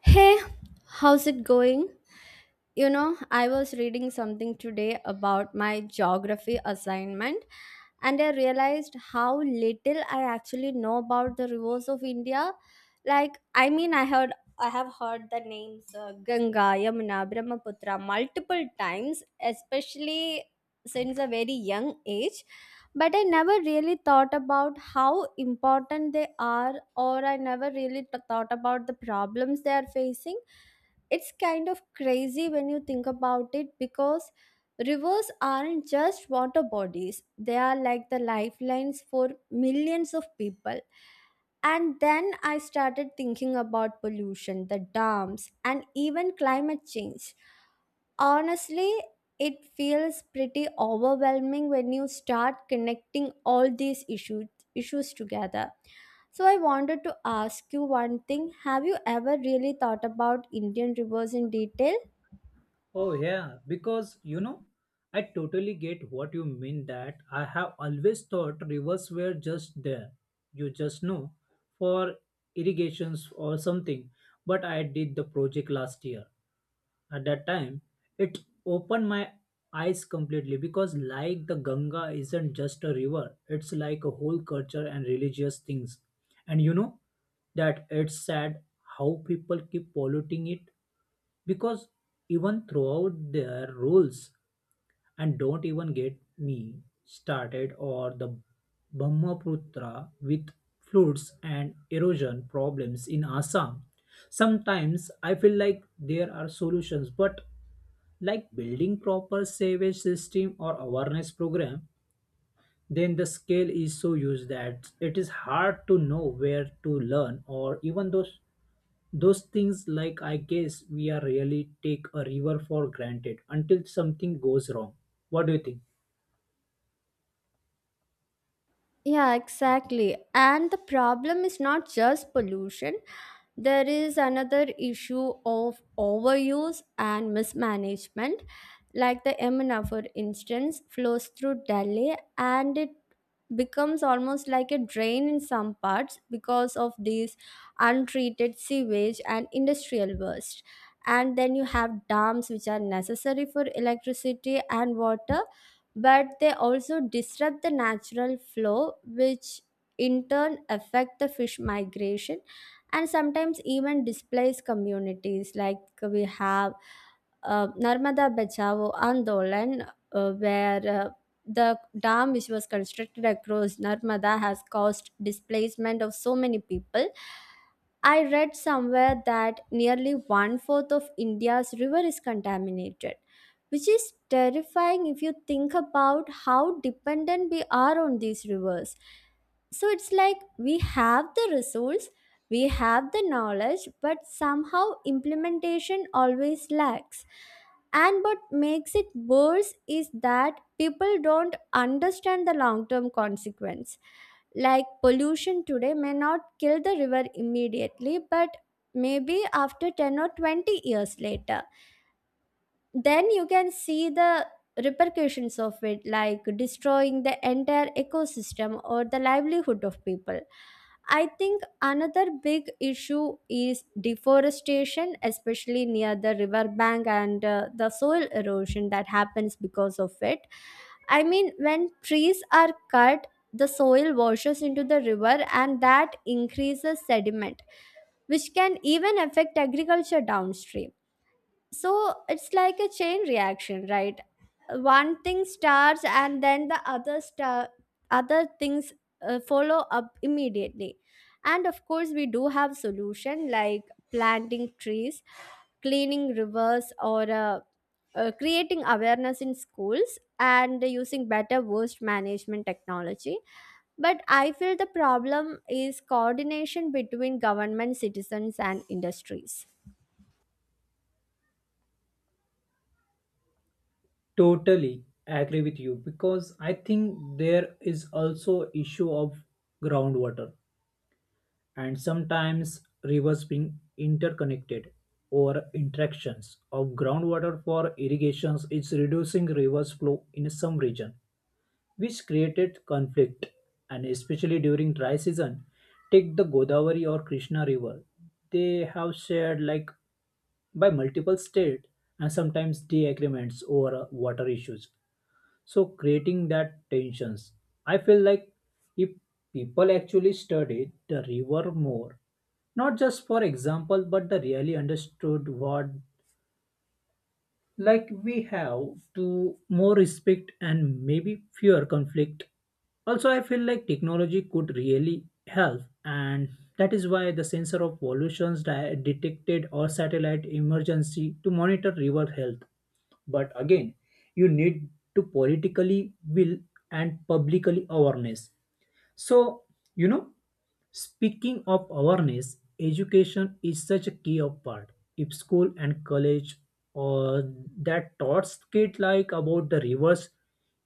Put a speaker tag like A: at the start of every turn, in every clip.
A: Hey, how's it going? You know, I was reading something today about my geography assignment and I realized how little I actually know about the rivers of India. Like, I mean, I heard I have heard the names Ganga, Yamuna, Brahmaputra multiple times, especially since a very young age. But I never really thought about how important they are, or I never really thought about the problems they are facing. It's kind of crazy when you think about it, because rivers aren't just water bodies, they are like the lifelines for millions of people. And then I started thinking about pollution, the dams, and even climate change. Honestly, it feels pretty overwhelming when you start connecting all these issues together. So I wanted to ask you one thing. Have you ever really thought about Indian rivers in detail?
B: Oh, yeah, I totally get what you mean that I have always thought rivers were just there. You just know for irrigations or something. But I did the project last year at that time it opened my eyes completely because like the Ganga isn't just a river, it's like a whole culture and religious things, and that it's sad how people keep polluting it because even throughout their rules. And don't even get me started or the Brahmaputra with floods and erosion problems in Assam. Sometimes I feel like there are solutions, but like building proper sewage system or awareness program, then the scale is so huge that it is hard to know where to learn or even those things. Like, I guess we are really take a river for granted until something goes wrong. What do you think?
A: Yeah, exactly. And the problem is not just pollution. There is another issue of overuse and mismanagement. Like the Yamuna, for instance, flows through Delhi, and it becomes almost like a drain in some parts because of these untreated sewage and industrial waste. And then you have dams, which are necessary for electricity and water, but they also disrupt the natural flow, which in turn affect the fish migration and sometimes even displace communities. Like, we have Narmada Bachao Andolan, where the dam which was constructed across Narmada has caused displacement of so many people. I read somewhere that nearly one fourth of India's river is contaminated, which is terrifying if you think about how dependent we are on these rivers. So it's like we have the resource, we have the knowledge, but somehow implementation always lacks. And what makes it worse is that people don't understand the long term consequence. Like, pollution today may not kill the river immediately, but maybe after 10 or 20 years later, then you can see the repercussions of it, like destroying the entire ecosystem or the livelihood of people. I think another big issue is deforestation, especially near the river bank, and the soil erosion that happens because of it. I mean, when trees are cut, the soil washes into the river, and that increases sediment, which can even affect agriculture downstream. So it's like a chain reaction, right? One thing starts and then the other star other things follow up immediately. And of course, we do have solution, like planting trees, cleaning rivers, or creating awareness in schools, and using better waste management technology. But I feel the problem is coordination between government, citizens, and industries.
B: Totally agree with you because I think there is also issue of groundwater and sometimes rivers being interconnected or interactions of groundwater for irrigations is reducing rivers flow in some region, which created conflict, and especially during dry season. Take the Godavari or Krishna river, they have shared like by multiple state, and sometimes disagreements over water issues, so creating that tensions. I feel like if people actually studied the river more, not just for example but they really understood what, like we have to more respect and maybe fewer conflict. Also, I feel like technology could really help, and that is why the sensor of pollutions detected or satellite emergency to monitor river health. But again, you need to politically will and publicly awareness. So, you know, speaking of awareness, education is such a key of part. If school and college or that taught kids like about the rivers,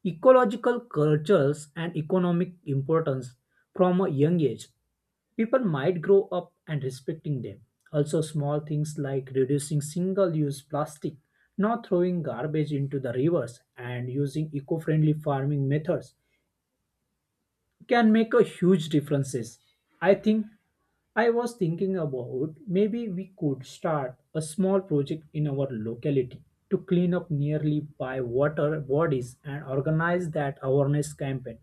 B: ecological cultures and economic importance from a young age, people might grow up and respecting them. Also, small things like reducing single use plastic, not throwing garbage into the rivers, and using eco friendly farming methods can make a huge differences. I think I was thinking about maybe we could start a small project in our locality to clean up nearly by water bodies and organize that awareness campaign.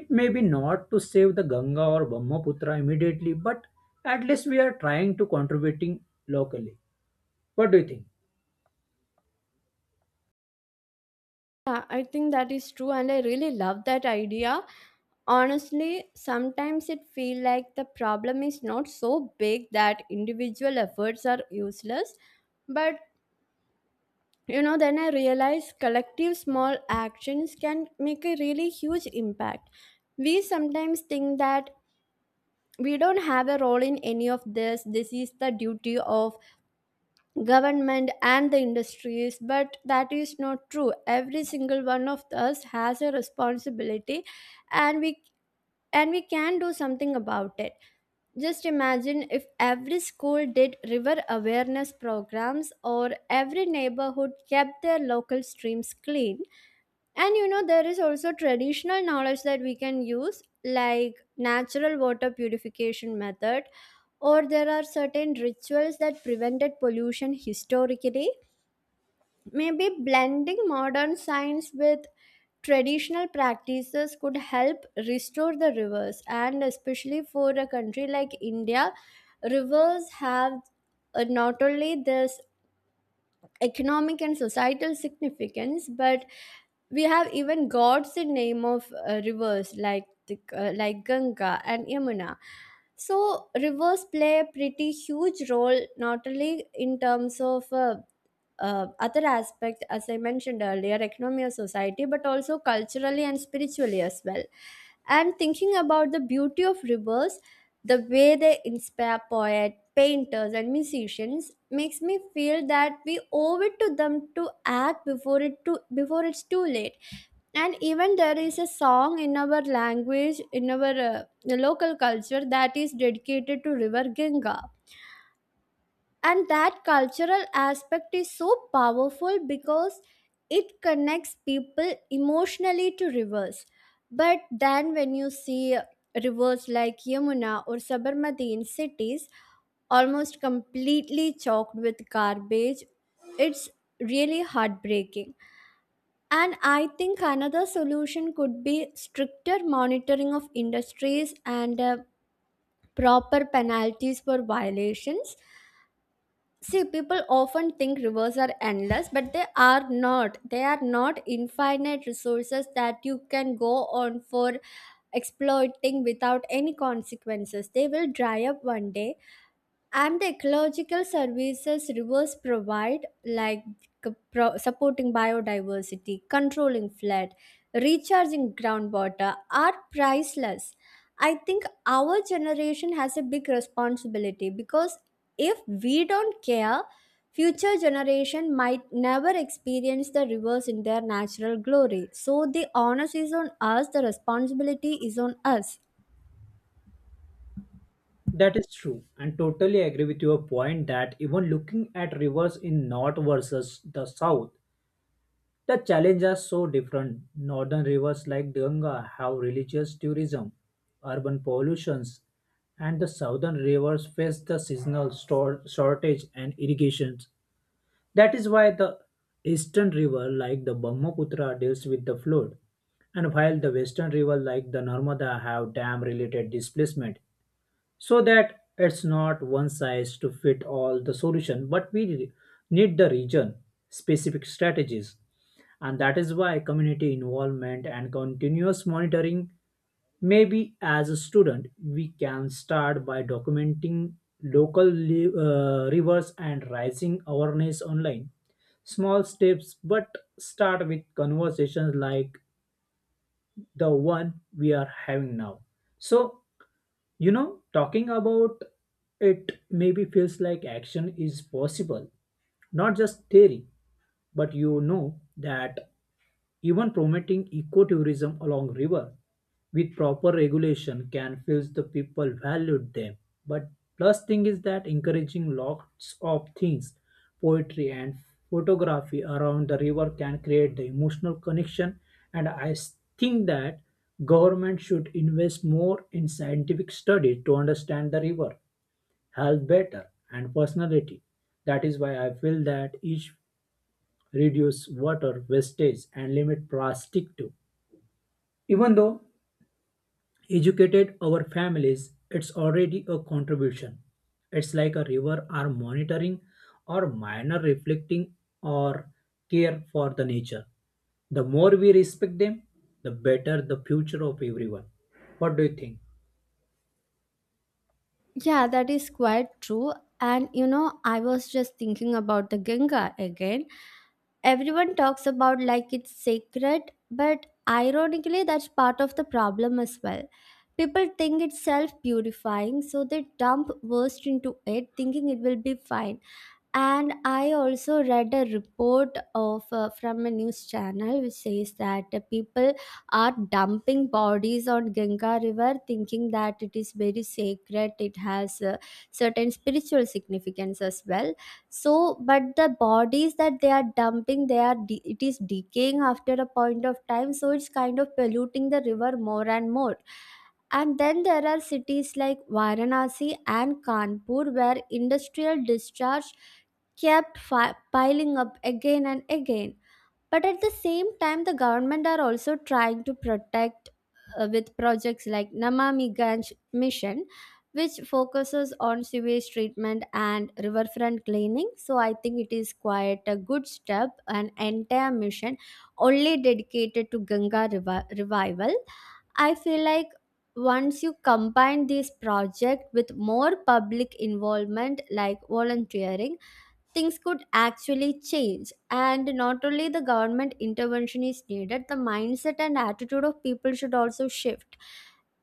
B: It may be not to save the Ganga or Brahmaputra immediately, but at least we are trying to contributing locally. What do you think?
A: Yeah, I think that is true, and I really love that idea. Honestly, sometimes it feels like the problem is not so big that individual efforts are useless, but you know, then I realize collective small actions can make a really huge impact. We sometimes think that we don't have a role in any of this, this is the duty of government and the industries, but that is not true. Every single one of us has a responsibility, and we and we can do something about it. Just imagine if every school did river awareness programs, or every neighborhood kept their local streams clean. And you know, there is also traditional knowledge that we can use, like natural water purification method, or there are certain rituals that prevented pollution historically. Maybe blending modern science with traditional practices could help restore the rivers, and especially for a country like India, rivers have, not only this economic and societal significance, but we have even gods in name of rivers like Ganga and Yamuna. So rivers play a pretty huge role, not only in terms of other aspect, as I mentioned earlier, economy of society, but also culturally and spiritually as well. And thinking about the beauty of rivers, the way they inspire poets, painters, and musicians makes me feel that we owe it to them to act before it's too late. And even, there is a song in our language, in our local culture, that is dedicated to river Ganga, and that cultural aspect is so powerful because it connects people emotionally to rivers. But then, when you see rivers like Yamuna or Sabarmati in cities, almost completely choked with garbage, it's really heartbreaking. And I think another solution could be stricter monitoring of industries and proper penalties for violations. See, people often think rivers are endless, but they are not. They are not infinite resources that you can go on for exploiting without any consequences. They will dry up one day, and the ecological services rivers provide, like supporting biodiversity, controlling flood, recharging groundwater, are priceless. I think our generation has a big responsibility, because if we don't care, future generation might never experience the rivers in their natural glory. So the onus is on us, the responsibility is on us.
B: That is true, and totally agree with your point that even looking at rivers in north versus the south. The challenges are so different. Northern rivers like Ganga have religious tourism, urban pollutions, and the southern rivers face the shortage and irrigations. That is why the eastern river like the Brahmaputra deals with the flood, and while the western river like the Narmada have dam related displacement. So that it's not one size to fit all the solution, but need the region specific strategies, and that is why community involvement and continuous monitoring. Maybe as a student, we can start by documenting local rivers and rising awareness online. Small steps, but start with conversations like the one we are having now. So, you know, talking about it maybe feels like action is possible, not just theory, but you know that even promoting ecotourism along river with proper regulation can feels the people valued them. But plus thing is that encouraging lots of things, poetry and photography around the river can create the emotional connection. And think that government should invest more in scientific studies to understand the river, health better, and personality. That is why I feel that each reduce water wastage and limit plastic too. Even though educated our families, it's already a contribution. It's like a river are monitoring or minor reflecting or care for the nature. The more we respect them, the better the future of everyone. What do you think?
A: Yeah, that is quite true. And you know, I was just thinking about the Ganga again. Everyone talks about like it's sacred, but ironically, that's part of the problem as well. People think it's self purifying, so they dump waste into it, thinking it will be fine. And I also read a report of, from a news channel, which says that people are dumping bodies on Ganga river, thinking that it is very sacred, it has, certain spiritual significance as well. So, but the bodies that they are dumping, it is decaying after a point of time, so it's kind of polluting the river more and more. And then there are cities like Varanasi and Kanpur where industrial discharge kept piling up again and again. But at the same time, the government are also trying to protect, with projects like Namami Gange Mission, which focuses on sewage treatment and riverfront cleaning. So I think it is quite a good step, an entire mission only dedicated to Ganga revival. I feel like once you combine this project with more public involvement, like volunteering, things could actually change. And not only the government intervention is needed, the mindset and attitude of people should also shift.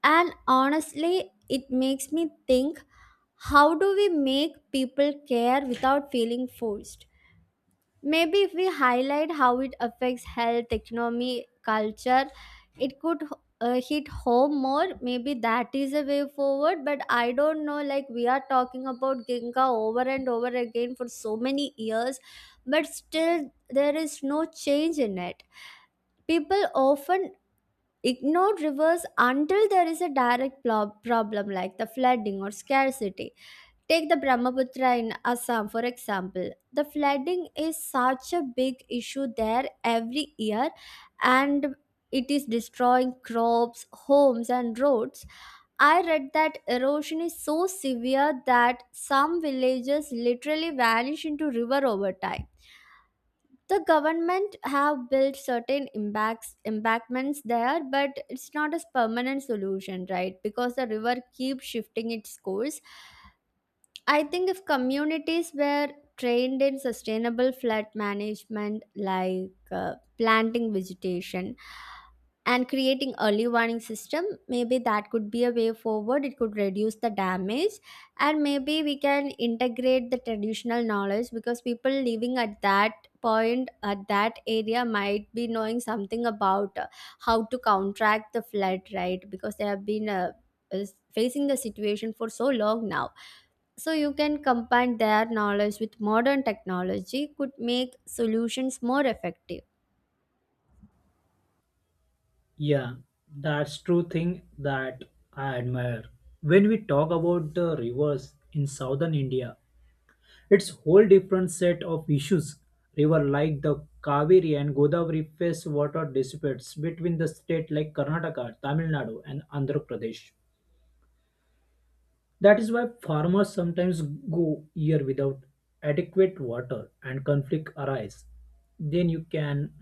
A: And honestly, it makes me think, how do we make people care without feeling forced? Maybe if we highlight how it affects health, economy, culture, it could hit home more. Maybe that is a way forward. But I don't know, like, we are talking about Ginga over and over again for so many years, but still there is no change in it. People often ignore rivers until there is a direct problem, like the flooding or scarcity. Take the Brahmaputra in Assam, for example. The flooding is such a big issue there every year, and it is destroying crops, homes, and roads. I read that erosion is so severe that some villages literally vanish into river over time. The government have built certain embankments there, but it's not a permanent solution, right? Because the river keeps shifting its course. I think if communities were trained in sustainable flood management, like planting vegetation and creating early warning system, maybe that could be a way forward. It could reduce the damage, and maybe we can integrate the traditional knowledge, because people living at that point at that area might be knowing something about how to counteract the flood, right? Because they have been, is facing the situation for so long now. So you can combine their knowledge with modern technology, could make solutions more effective.
B: Yeah, that's true thing that I admire. When we talk about the rivers in southern India, it's whole different set of issues. River like the Kaveri and Godavari face water disputes between the state like Karnataka, Tamil Nadu and Andhra Pradesh. That is why farmers sometimes go year without adequate water and conflict arise. Then you can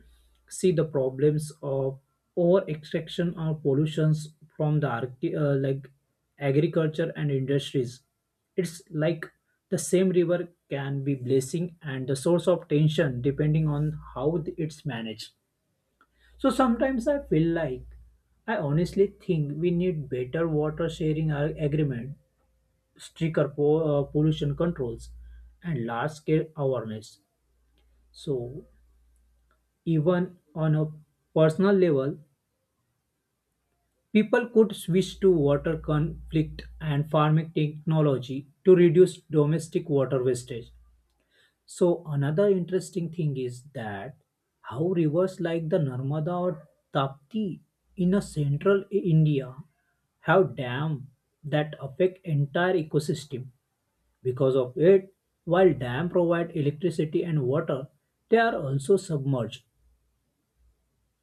B: see the problems of over extraction or pollutions from the like agriculture and industries. It's like the same river can be blessing and the source of tension depending on how it's managed. So sometimes I feel like I honestly think we need better water sharing agreement, stricter pollution controls, and large-scale awareness. So even on a personal level, people could switch to water conflict and farming technology to reduce domestic water wastage. So another interesting thing is that how rivers like the Narmada or Tapti in a central India have dam that affect entire ecosystem. Because of it, while dams provide electricity and water, they are also submerged,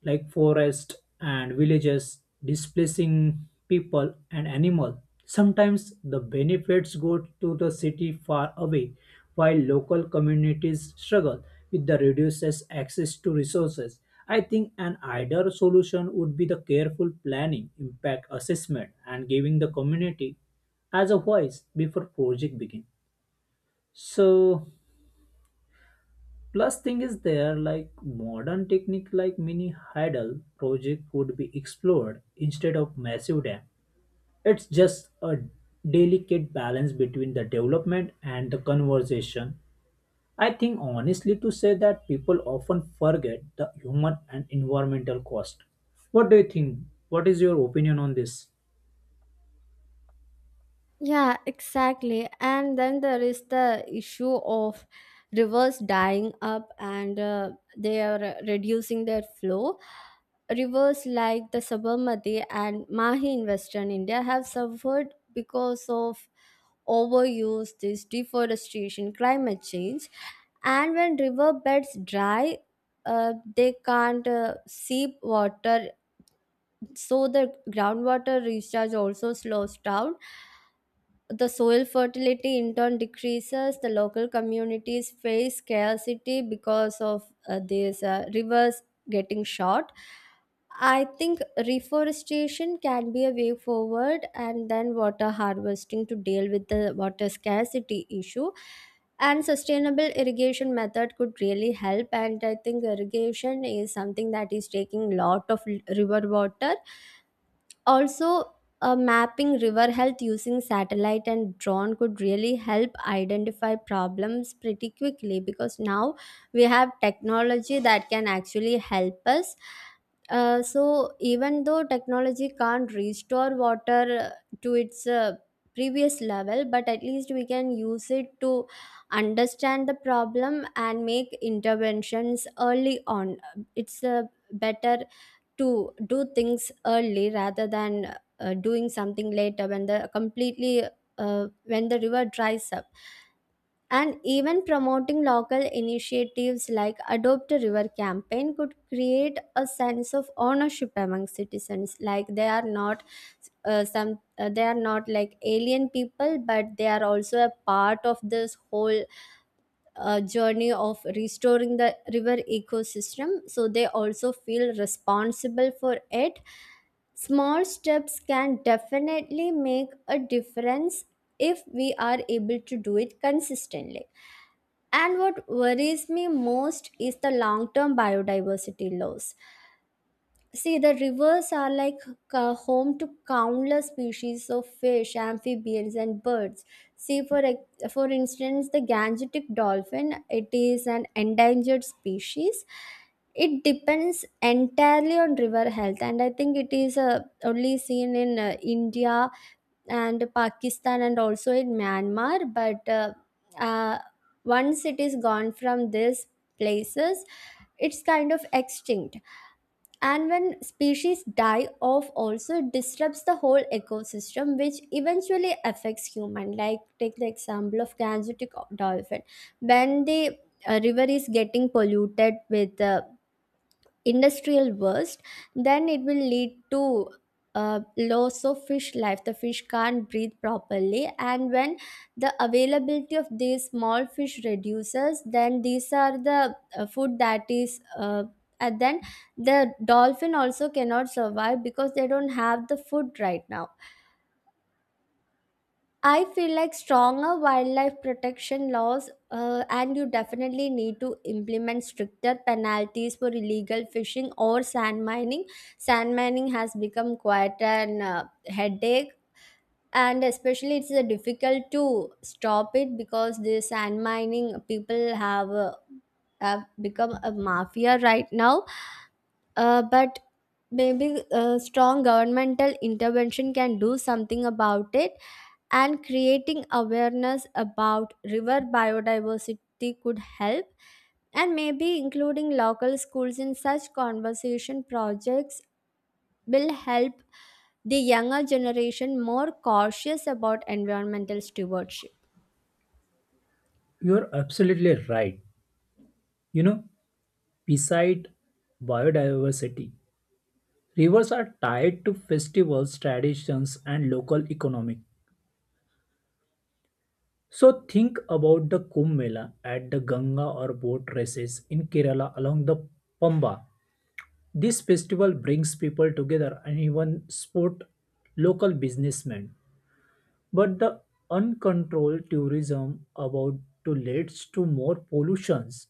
B: like forests and villages, displacing people and animals. Sometimes the benefits go to the city far away, while local communities struggle with the reduces access to resources. I think an ideal solution would be the careful planning, impact assessment, and giving the community as a voice before project begin. So plus, thing is there like modern technique like mini hydel project could be explored instead of massive dam. It's just a delicate balance between the development and the conversation. I think honestly to say that people often forget the human and environmental cost. What do you think? What is your opinion on this?
A: Yeah, exactly. And then there is the issue of rivers dying up, and they are reducing their flow. Rivers like the Sabarmati and Mahi in Western India have suffered because of overuse, this deforestation, climate change. And when river beds dry, they can't seep water, so the groundwater recharge also slows down, the soil fertility in turn decreases. The local communities face scarcity because of these rivers getting short. I think reforestation can be a way forward, and then water harvesting to deal with the water scarcity issue. And sustainable irrigation method could really help. And I think irrigation is something that is taking lot of river water. Also, mapping river health using satellite and drone could really help identify problems pretty quickly, because now we have technology that can actually help us. So, even though technology can't restore water to its previous level, but at least we can use it to understand the problem and make interventions early on. It's a better to do things early rather than doing something later when the completely when the river dries up. And even promoting local initiatives like adopt a river campaign could create a sense of ownership among citizens, like they are not some they are not like alien people, but they are also a part of this whole journey of restoring the river ecosystem, so they also feel responsible for it. Small steps can definitely make a difference if we are able to do it consistently. And what worries me most is the long term biodiversity loss. See, the rivers are like home to countless species of fish, amphibians, and birds. See, for instance, the Gangetic dolphin. It is an endangered species. It depends entirely on river health, and I think it is only seen in India and Pakistan, and also in Myanmar. But uh, Once it is gone from these places, it's kind of extinct. And when species die off, also disrupts the whole ecosystem, which eventually affects human. Like take the example of Gangetic dolphin: when the river is getting polluted with industrial burst, then it will lead to loss of fish life. The fish can't breathe properly, and when the availability of these small fish reduces, then these are the food that is and then the dolphin also cannot survive because they don't have the food. Right now I feel like stronger wildlife protection laws, and you definitely need to implement stricter penalties for illegal fishing or sand mining. Sand mining has become quite an headache, and especially it's difficult to stop it because the sand mining people have become a mafia right now. But maybe strong governmental intervention can do something about it, and creating awareness about river biodiversity could help. And maybe including local schools in such conversation projects will help the younger generation more cautious about environmental stewardship.
B: You're absolutely right. You know, beside biodiversity, rivers are tied to festivals, traditions, and local economy. So think about the Kumbh Mela at the Ganga or boat races in Kerala along the Pamba. This festival brings people together and even support local businessmen. But the uncontrolled tourism about to leads to more pollutions,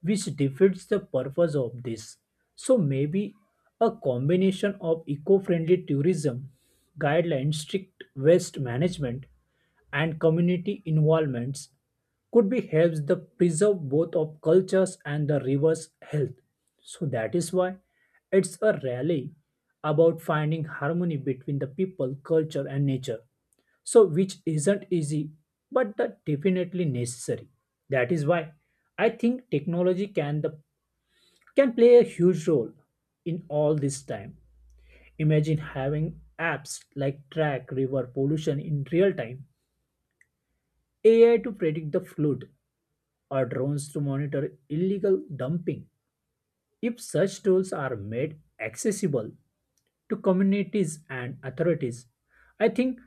B: which defeats the purpose of this. So maybe a combination of eco-friendly tourism, guidelines, strict waste management, and community involvements could be helps the preserve both of cultures and the river's health. So that is why it's a rally about finding harmony between the people, culture, and nature, so which isn't easy but that definitely necessary. That is why I think technology can the can play a huge role in all this time. Imagine having apps like track river pollution in real time, AI to predict the flood, or drones to monitor illegal dumping. If such tools are made accessible to communities and authorities, I think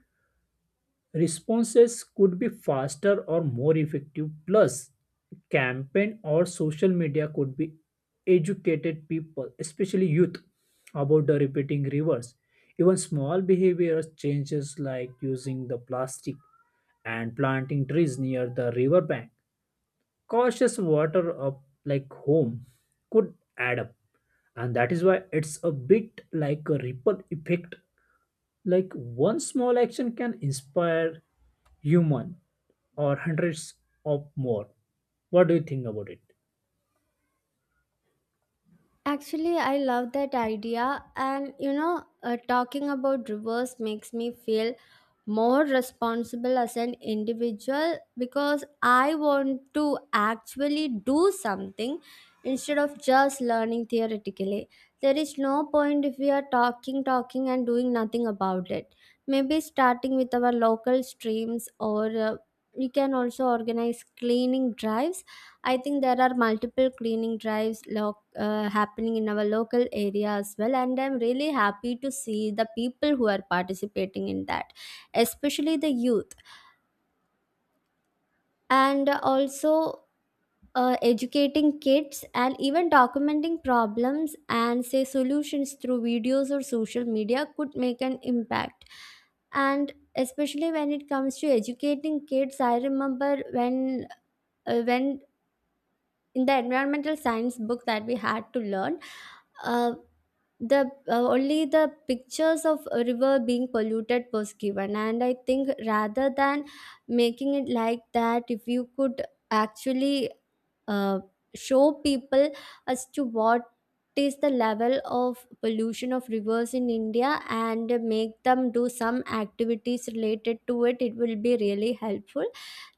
B: responses could be faster or more effective. Plus, campaign or social media could be educated people, especially youth, about the repeating rivers. Even small behavior changes like using the plastic and planting trees near the riverbank, cautious water up like home could add up. And that is why it's a bit like a ripple effect, like one small action can inspire human or hundreds of more. What do you think about it?
A: Actually, I love that idea, and you know, talking about reverse makes me feel more responsible as an individual because I want to actually do something instead of just learning theoretically. There is no point if we are talking, talking, and doing nothing about it. Maybe starting with our local streams, or we can also organize cleaning drives. I think there are multiple cleaning drives, local happening in our local area as well, and I'm really happy to see the people who are participating in that, especially the youth. And also educating kids and even documenting problems and say solutions through videos or social media could make an impact. And especially when it comes to educating kids, I remember when uh, when in the environmental science book that we had to learn, uh, the only the pictures of a river being polluted was given, and I think rather than making it like that, if you could actually uh, show people as to what is the level of pollution of rivers in India and make them do some activities related to it, it will be really helpful.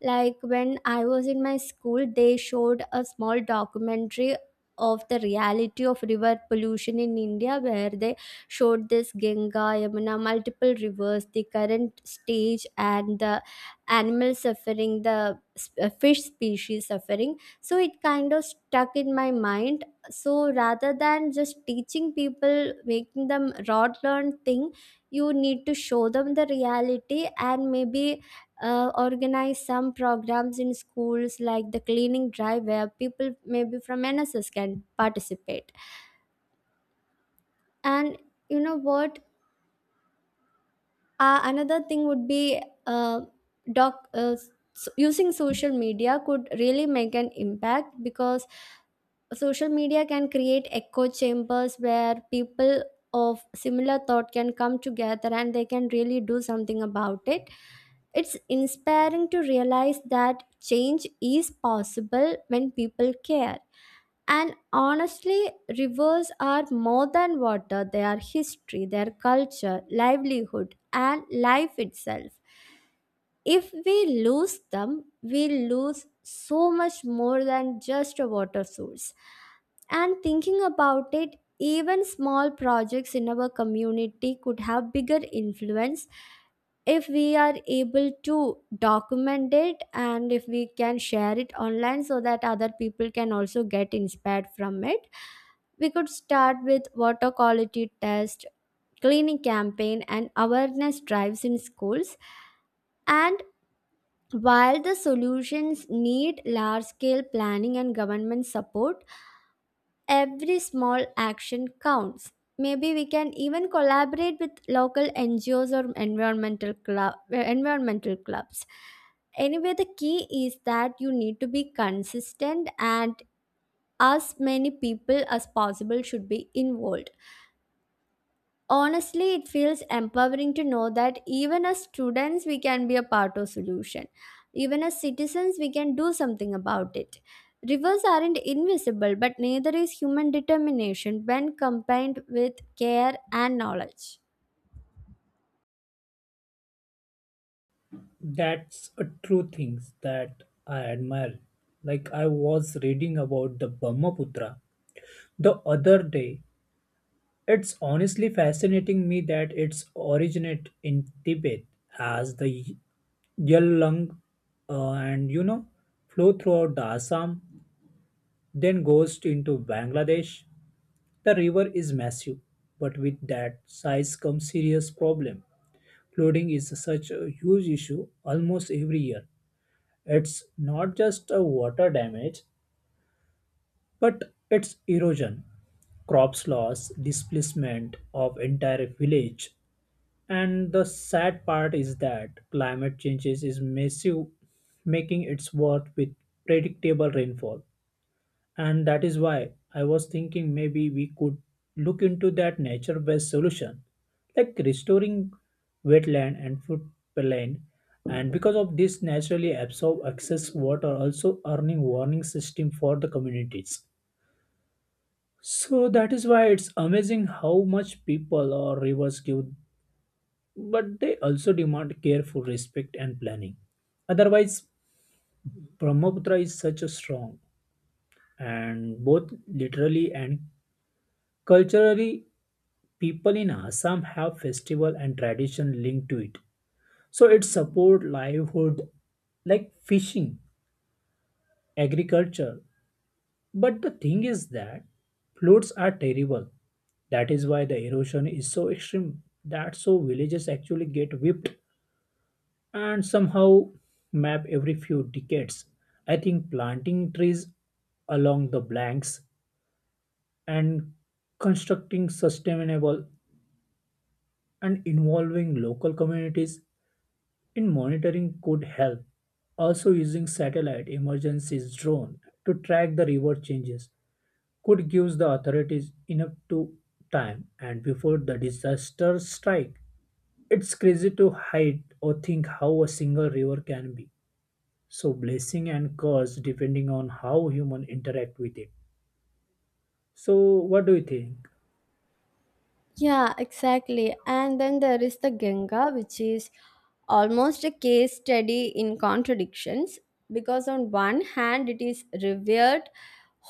A: Like when I was in my school, they showed a small documentary of the reality of river pollution in India, where they showed this Ganga, Yamuna, multiple rivers, the current stage and the animal suffering, the fish species suffering. So it kind of stuck in my mind. So rather than just teaching people, making them rod learn thing, you need to show them the reality, and maybe organize some programs in schools like the cleaning drive where people maybe from NSS can participate. And you know what, another thing would be doc uh, using social media could really make an impact, because social media can create echo chambers where people of similar thought can come together, and they can really do something about it. It's inspiring to realize that change is possible when people care. And honestly, rivers are more than water. They are history, their culture, livelihood, and life itself. If we lose them, we lose so much more than just a water source. And thinking about it, even small projects in our community could have bigger influence if we are able to document it and if we can share it online so that other people can also get inspired from it. We could start with water quality test, cleaning campaign, and awareness drives in schools. And while the solutions need large scale planning and government support, every small action counts. Maybe we can even collaborate with local NGOs or environmental clubs. Anyway, the key is that you need to be consistent and as many people as possible should be involved. Honestly, it feels empowering to know that even as students we can be a part of solution, even as citizens we can do something about it. Rivers aren't invisible, but neither is human determination when combined with care and knowledge.
B: That's a true thing that I admire. Like I was reading about the Brahmaputra the other day. It's honestly fascinating me that its originate in Tibet as the Yelung, and you know flow throughout the Assam, then goes into Bangladesh. The river is massive, but with that size comes serious problem. Flooding is such a huge issue almost every year. It's not just a water damage, but it's erosion, crops loss, displacement of entire village. And the sad part is that climate changes is massive, making it worse with predictable rainfall. And that is why I was thinking maybe we could look into that nature based solution, like restoring wetland and floodplain. And because of this, naturally absorb excess water, also earning warning system for the communities. So that is why it's amazing how much people or rivers give, but they also demand careful respect and planning. Otherwise, Brahmaputra is such a strong and both literally and culturally. People in Assam have festival and tradition linked to it. So it support livelihood like fishing, agriculture. But the thing is that floods are terrible. That is why the erosion is so extreme. That's so villages actually get whipped and somehow map every few decades. I think planting trees along the banks and constructing sustainable and involving local communities in monitoring could help. Also, using satellite emergency drone to track the river changes could give the authorities enough to time and before the disaster strike. It's crazy to hide or think how a single river can be so blessing and curse depending on how human interact with it. So, what do you think?
A: Yeah, exactly. And then there is the Ganga, which is almost a case study in contradictions, because on one hand, it is revered,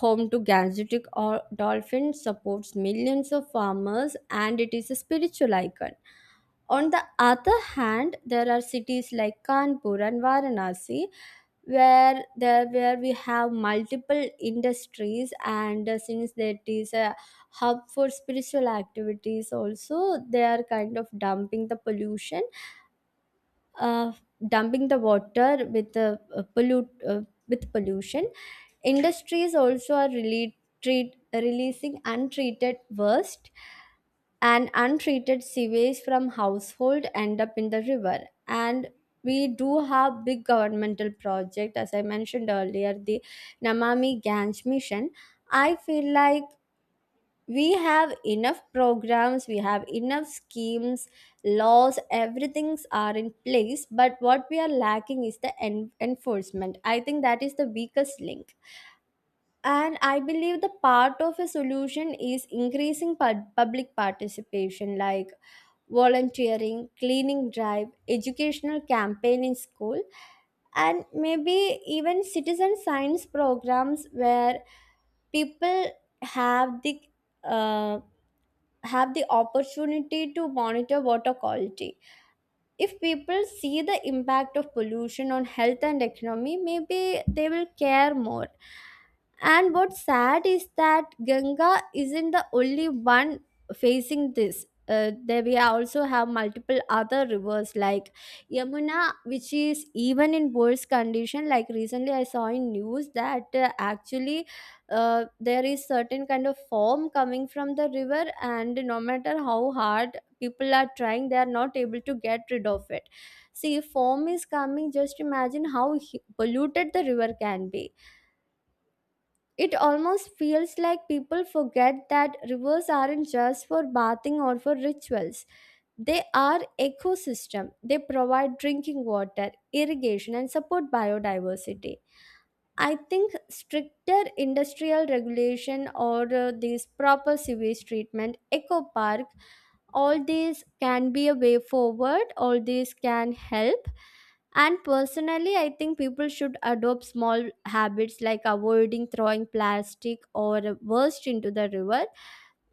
A: home to Gangetic or dolphin, supports millions of farmers, and it is a spiritual icon. On the other hand, there are cities like Kanpur and Varanasi, where there where we have multiple industries, and since that is a hub for spiritual activities also, they are kind of dumping the pollution, uh, dumping the water with the pollute with pollution. Industries also are really releasing untreated waste, and untreated sewage from household end up in the river. And we do have big governmental project, as I mentioned earlier, the Namami Gange mission. I feel like we have enough programs, we have enough schemes, laws, everything's are in place, but what we are lacking is the enforcement. I think that is the weakest link. And I believe the part of a solution is increasing public participation, like volunteering cleaning drive, educational campaign in school, and maybe even citizen science programs where people have the uh, have the opportunity to monitor water quality. If people see the impact of pollution on health and economy, maybe they will care more. And what's sad is that Ganga isn't the only one facing this. There we also have multiple other rivers like Yamuna, which is even in worse condition. Like recently, I saw in news that actually there is certain kind of foam coming from the river, and no matter how hard people are trying, they are not able to get rid of it. See, foam is coming. Just imagine how polluted the river can be. It almost feels like people forget that rivers aren't just for bathing or for rituals. They are ecosystem. They provide drinking water, irrigation, and support biodiversity. I think stricter industrial regulation or this proper sewage treatment, eco park, all these can be a way forward, all these can help. And personally, I think people should adopt small habits like avoiding throwing plastic or waste into the river.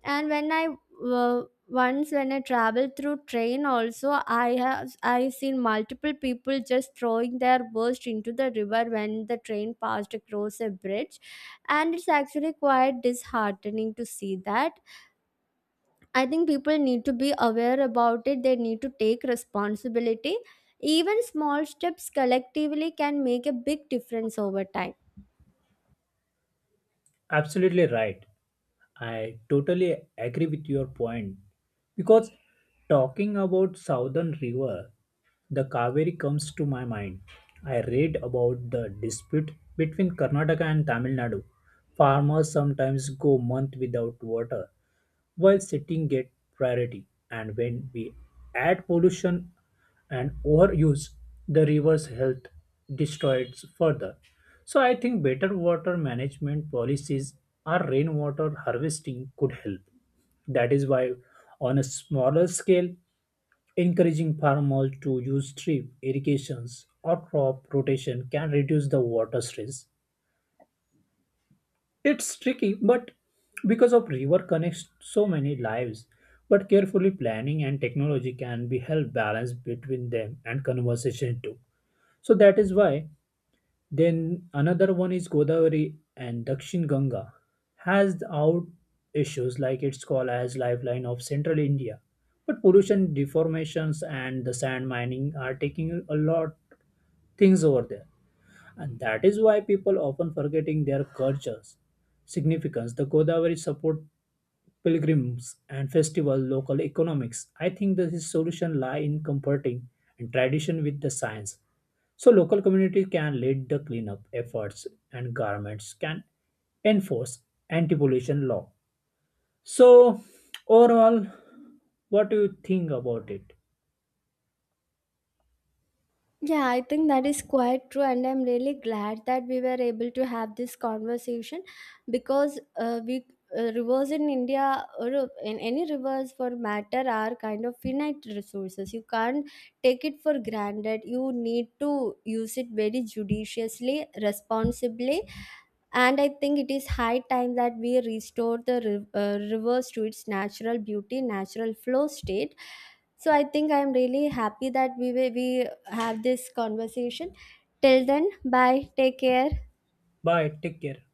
A: And when I uh, once when I traveled through train also, I seen multiple people just throwing their waste into the river when the train passed across a bridge, and it's actually quite disheartening to see that. I think people need to be aware about it. They need to take responsibility. Even small steps collectively can make a big difference over time.
B: Absolutely right. I totally agree with your point because talking about southern river, the Kaveri comes to my mind. I read about the dispute between Karnataka and Tamil Nadu. Farmers sometimes go months without water while sitting get priority. And when we add pollution and overuse, the river's health destroys further. So I think better water management policies or rainwater harvesting could help. That is why, on a smaller scale, encouraging farmers to use drip irrigations or crop rotation can reduce the water stress. It's tricky, but because of river connects so many lives, but carefully planning and technology can be help balance between them and conversation too. So that is why then another one is Godavari and Dakshin Ganga has out issues like it's called as lifeline of central India. But pollution, deformations and the sand mining are taking a lot things over there. And that is why people often forgetting their cultures. Significance. The Godavari support pilgrims and festival local economics. I think that his solution lie in comforting and tradition with the science. So local community can lead the cleanup efforts and governments can enforce anti-pollution law. So overall, what do you think about it?
A: Yeah, I think that is quite true, and I'm really glad that we were able to have this conversation, because we rivers in India or in any rivers for matter are kind of finite resources. You can't take it for granted. You need to use it very judiciously, responsibly, and I think it is high time that we restore the rivers to its natural beauty, natural flow state. So I think I am really happy that we we have this conversation. Till then, bye. Take care.
B: Bye. Take care.